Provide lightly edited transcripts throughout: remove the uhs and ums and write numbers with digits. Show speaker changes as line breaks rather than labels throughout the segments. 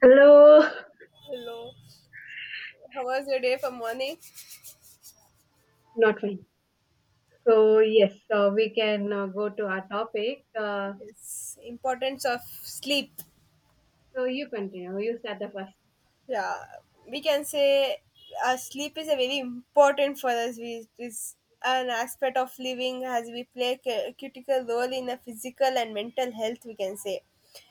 Hello,
Hello. How was your day for morning?
not fine. So yes, so we can go to our topic. Uh,
Yes. Importance of sleep.
so you continue. You start the first.
Yeah. We can say our sleep is a very important for us. We it is an aspect of living as we play a critical role in a physical and mental health. We can say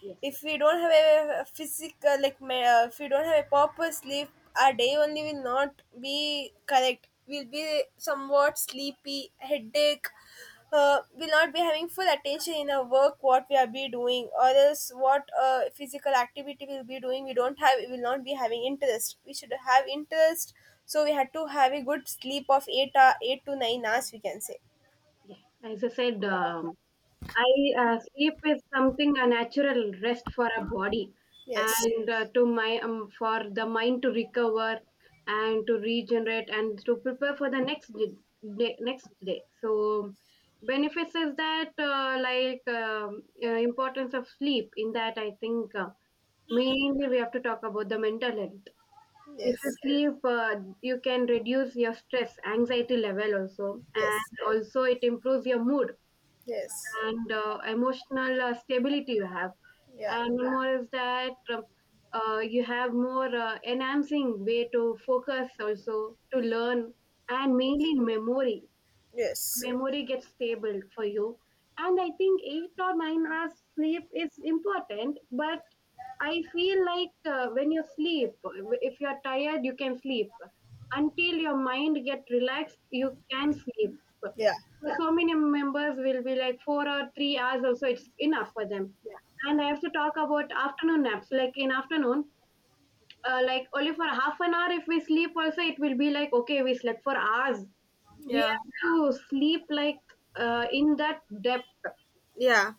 Yes.
if we don't have a physical like if we don't have a proper sleep our day only will not be correct, we'll be somewhat sleepy, headache, will not be having full attention in our work, what we are be doing, or else what physical activity we'll be doing, we don't have, we will not be having interest, we should have interest, so we had to have a good sleep of 8 hour, 8 to 9 hours we can say.
Yeah, as I said, Yeah. I Sleep is something a natural rest for a body,
Yes.
and Yes. to my for the mind to recover and to regenerate and to prepare for the next day. So benefits is that importance of sleep in that I think. Mainly, we have to talk about the mental health. If you Yes.
Yes.
sleep, uh, you can reduce your stress, anxiety level also,
Yes.
and also it improves your mood
Yes.
and emotional stability you have.
Yeah.
And one more is that you have more enhancing way to focus also to learn and
Yes.
mainly memory
Yes.
memory gets stable for you. And I think 8 or 9 hours sleep is important, but I feel like when you sleep, if you're tired, you can sleep. Until your mind get relaxed, you can sleep.
Yeah.
So many members will be like 4 or 3 hours also, it's enough for them.
Yeah,
And I have to talk about afternoon naps. Like in afternoon, like only for half an hour, if we sleep also, it will be like, okay, we slept for hours. We
yeah,
have to sleep like in that depth,
yeah.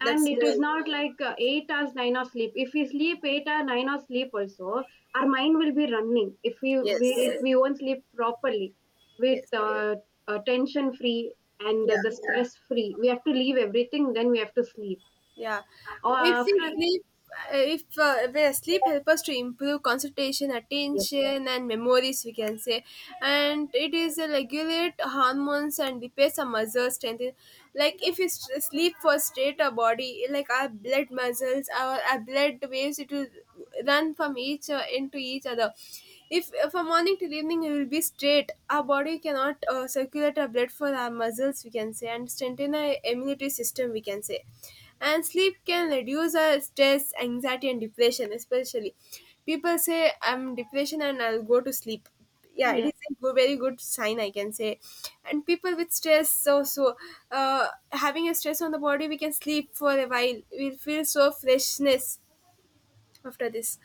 and
That's
it is
going on.
not like 8 hours, 9 hours sleep. If we sleep 8 or 9 hours sleep, also our mind will be running. If
Yes,
we won't sleep properly, with
yes,
tension free and
Yeah.
the stress free, we have to leave everything. Then we have to sleep.
yeah.
Or
If we
after
sleep, if we sleep help us to improve concentration,
yes.
attention, and memories, we can say, and it is a regulate hormones and repair some muscle strength. Like if we sleep first, state our body like our blood muscles, our blood waves. It will run from each end to each other, if from morning till evening we will be straight, our body cannot circulate our blood for our muscles, we can say, and strengthen our immunity system, we can say. And sleep can reduce our stress, anxiety and depression. Especially people say I'm depression and I'll go to sleep, yeah, it is a very good sign, I can say. And people with stress, uh, having a stress on the body, we can sleep for a while, we'll feel so freshness. After this,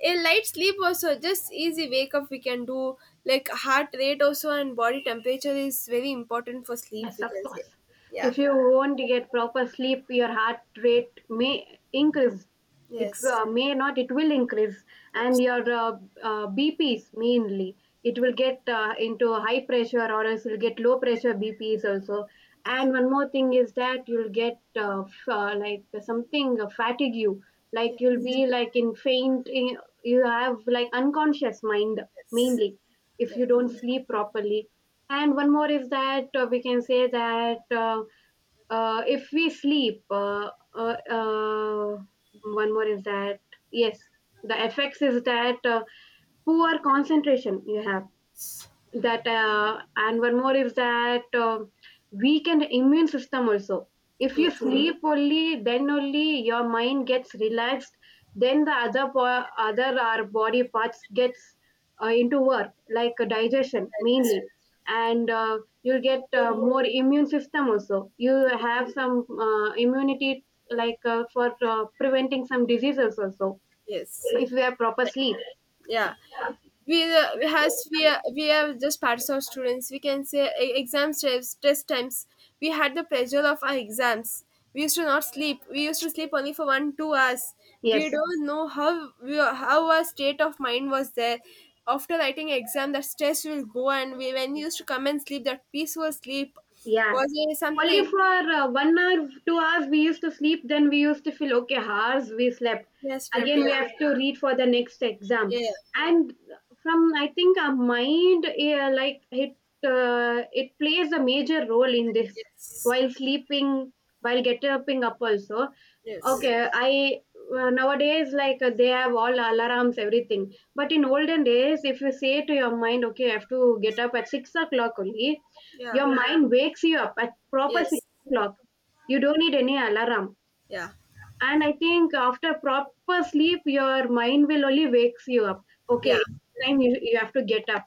a light sleep also, just easy wake up we can do. Like heart rate also and body temperature is very important for sleep,
Yes,
we
of
can say.
course.
Yeah.
If you won't get proper sleep, your heart rate may increase. It
Yes.
may not, it will increase. And
Yes.
your BPs mainly, it will get into high pressure or else you'll get low pressure BPs also. And one more thing is that you'll get like something fatigue you, like
Yes.
you'll be like in faint. You have like unconscious mind
Yes.
mainly if
Yes.
you don't sleep properly. And one more is that we can say that if we sleep, uh, uh, one more is that, yes, the effects is that poor concentration you have, that and one more is that weaken the immune system also. If you
Yes.
sleep, only then only your mind gets relaxed, then the other our body parts gets into work, like digestion
Yes.
mainly. And you'll get more immune system also. You have some immunity like for preventing some diseases also
Yes.
if we have proper sleep.
Yeah. We we has, we are just parts of students, we can say, exam stress test times we had the pressure of our exams. We used to not sleep, we used to sleep only for 1 2 hours. We
Yes.
don't know how we, how our state of mind was there. After writing exam, the stress will go and we, when we used to come and sleep, that peaceful sleep
Yeah.
was there,
Only
something.
for 1 hour, 2 hours we used to sleep, then we used to feel okay, hours we slept.
Yes. Trip, yeah.
Again, we have to read for the next exam.
Yeah.
And from, I think, our mind, it plays a major role in this,
Yes.
while sleeping, while getting up also.
Yes.
Okay, I nowadays like they have all alarms, everything. But in olden days, if you say to your mind, okay, I have to get up at 6 o'clock only,
Yeah.
your mind wakes you up at proper sleep
Yes.
clock. You don't need any alarm.
Yeah.
And I think after proper sleep, your mind will only wakes you up.
Yeah.
Okay, time you, you have to get up.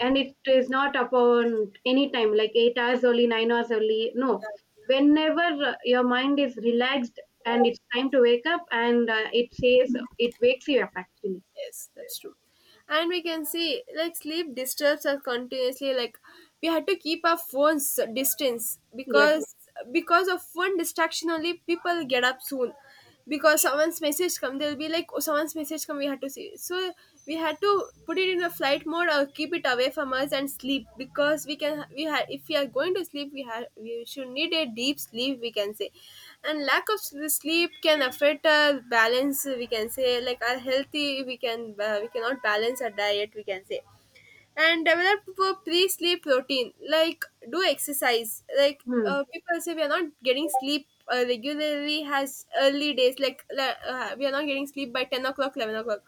And it is not upon any time, like 8 hours only, 9 hours only. No. Whenever your mind is relaxed and it's time to wake up, and it says it wakes you up actually.
Yes, that's true. And we can see like sleep disturbs us continuously. Like, we had to keep our phones distance,
Yes.
because of one distraction only, people get up soon. Because someone's message come, they'll be like, oh, someone's message come, we had to see. So we had to put it in a flight mode or keep it away from us and sleep, because we can, we have, if we are going to sleep, we have, we should need a deep sleep, we can say. And lack of sleep can affect our balance, we can say. Like, our healthy, we can, we cannot balance our diet, we can say. And develop a pre-sleep routine like, do exercise. Like,
Hmm.
people say we are not getting sleep regularly, has early days, like, we are not getting sleep by 10 o'clock, 11 o'clock.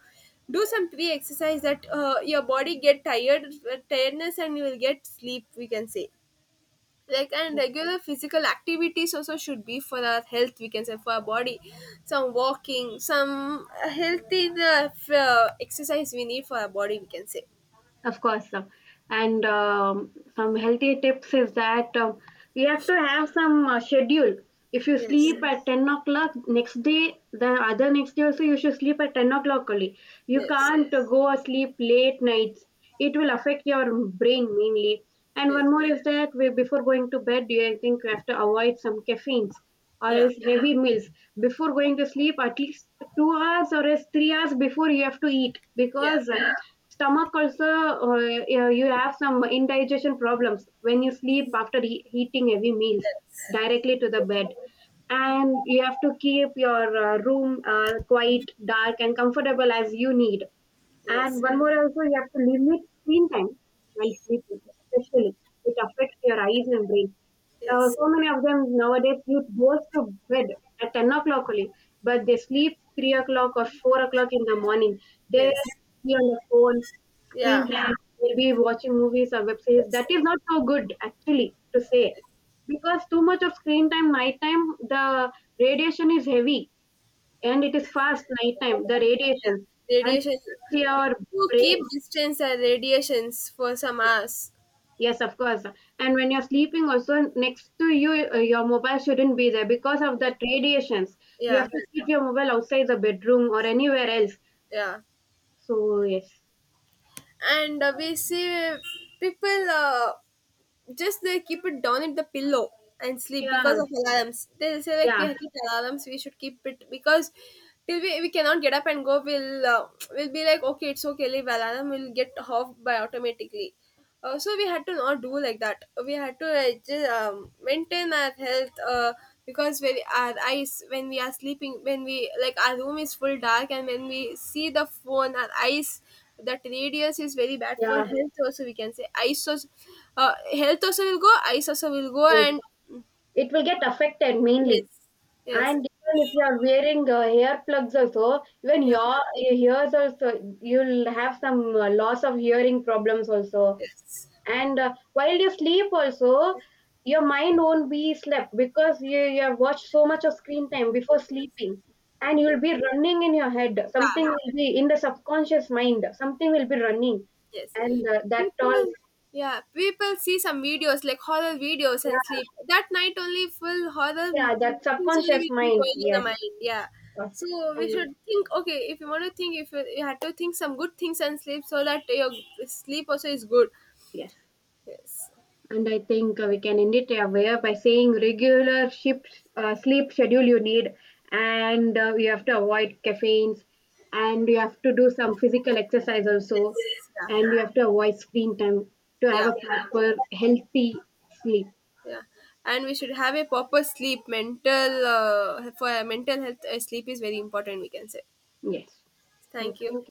Do some pre-exercise, that your body get tired, tiredness, and you will get sleep, we can say. Like, and regular physical activities also should be for our health, we can say, for our body. Some walking, some healthy exercise we need for our body, we can say.
Of course, and some healthy tips is that you have to have some schedule. If you
Yes.
sleep at 10 o'clock next day, the other next day also you should sleep at 10 o'clock only. You
Yes.
can't go asleep late nights. It will affect your brain mainly. And
Yes.
one more is that we, before going to bed, you I think you have to avoid some caffeines or
Yeah.
else heavy meals before going to sleep at least 2 hours or else 3 hours before. You have to eat
Yeah.
because stomach also you have some indigestion problems when you
Yes.
sleep after eating heavy meals
Yes.
directly to the bed. And you have to keep your room quite dark and comfortable as you need.
Yes.
And one more also, you have to limit screen time while sleeping, especially. It affects your eyes and brain.
Yes.
So many of them nowadays, youth goes to bed at 10 o'clock only, but they sleep 3 o'clock or 4 o'clock in the morning. They'll
Yes,
be on the phone,
yeah.
screen time, they'll be watching movies or web series.
Yes.
That is not so good, actually, to say.
Yes.
Because too much of screen time, night time, the radiation is heavy and it is
Yes.
fast night time the radiations
Yeah.
and
Radiation.
affects
We
your
have to
brain.
keep distance and radiations for some
Yes,
hours.
yes, of course. And when you're sleeping also next to you, your mobile shouldn't be there because of that radiations. You have
Yeah.
to keep your mobile outside the bedroom or anywhere else.
Yeah.
So yes.
And we see people. Just they keep it down in the pillow and sleep because
Yeah.
of alarms. They'll say like, we
Yeah.
have keep alarms, we should keep it, because till we cannot get up and go, we'll be like, okay, it's okay, leave alarm, will get off by automatically. So we had to not do like that. We had to just, maintain our health. Because when our eyes, when we are sleeping, when we, like our room is full dark and when we see the phone, our eyes, that radius is very bad for
Yeah,
health also, we can say, eyes also, health also will go, eyes also will go.
right.
And
It will get affected mainly.
yes. Yes.
And even if you are wearing hair plugs also, even
Yeah.
your ears also, you'll have some loss of hearing problems also.
Yes.
And while you sleep also, your mind won't be slept because you have watched so much of screen time before sleeping. And you will be running in your head,
Yeah.
something will be in the subconscious mind, something will be running
Yes.
and that all.
People, yeah, people see some videos like horror videos and
Yeah,
sleep. That night only full horror
yeah, that
things only
subconscious
will be
mind,
going in the
yes, of
mind. Yeah.
course.
So we
Um,
should think, okay, if you want to think, if you, you had to think some good things and sleep, so that your sleep also is good.
yes.
Yes.
And I think we can end it aware by saying regular shift, sleep schedule you need, and you have to avoid caffeines, and you have to do some physical exercise also,
Yes. Yeah.
and you have to avoid screen time to have
Yeah.
a proper healthy sleep.
Yeah. And we should have a proper sleep. Mental, for mental health, sleep is very important, we can say.
Yes. So
Thank you.
thank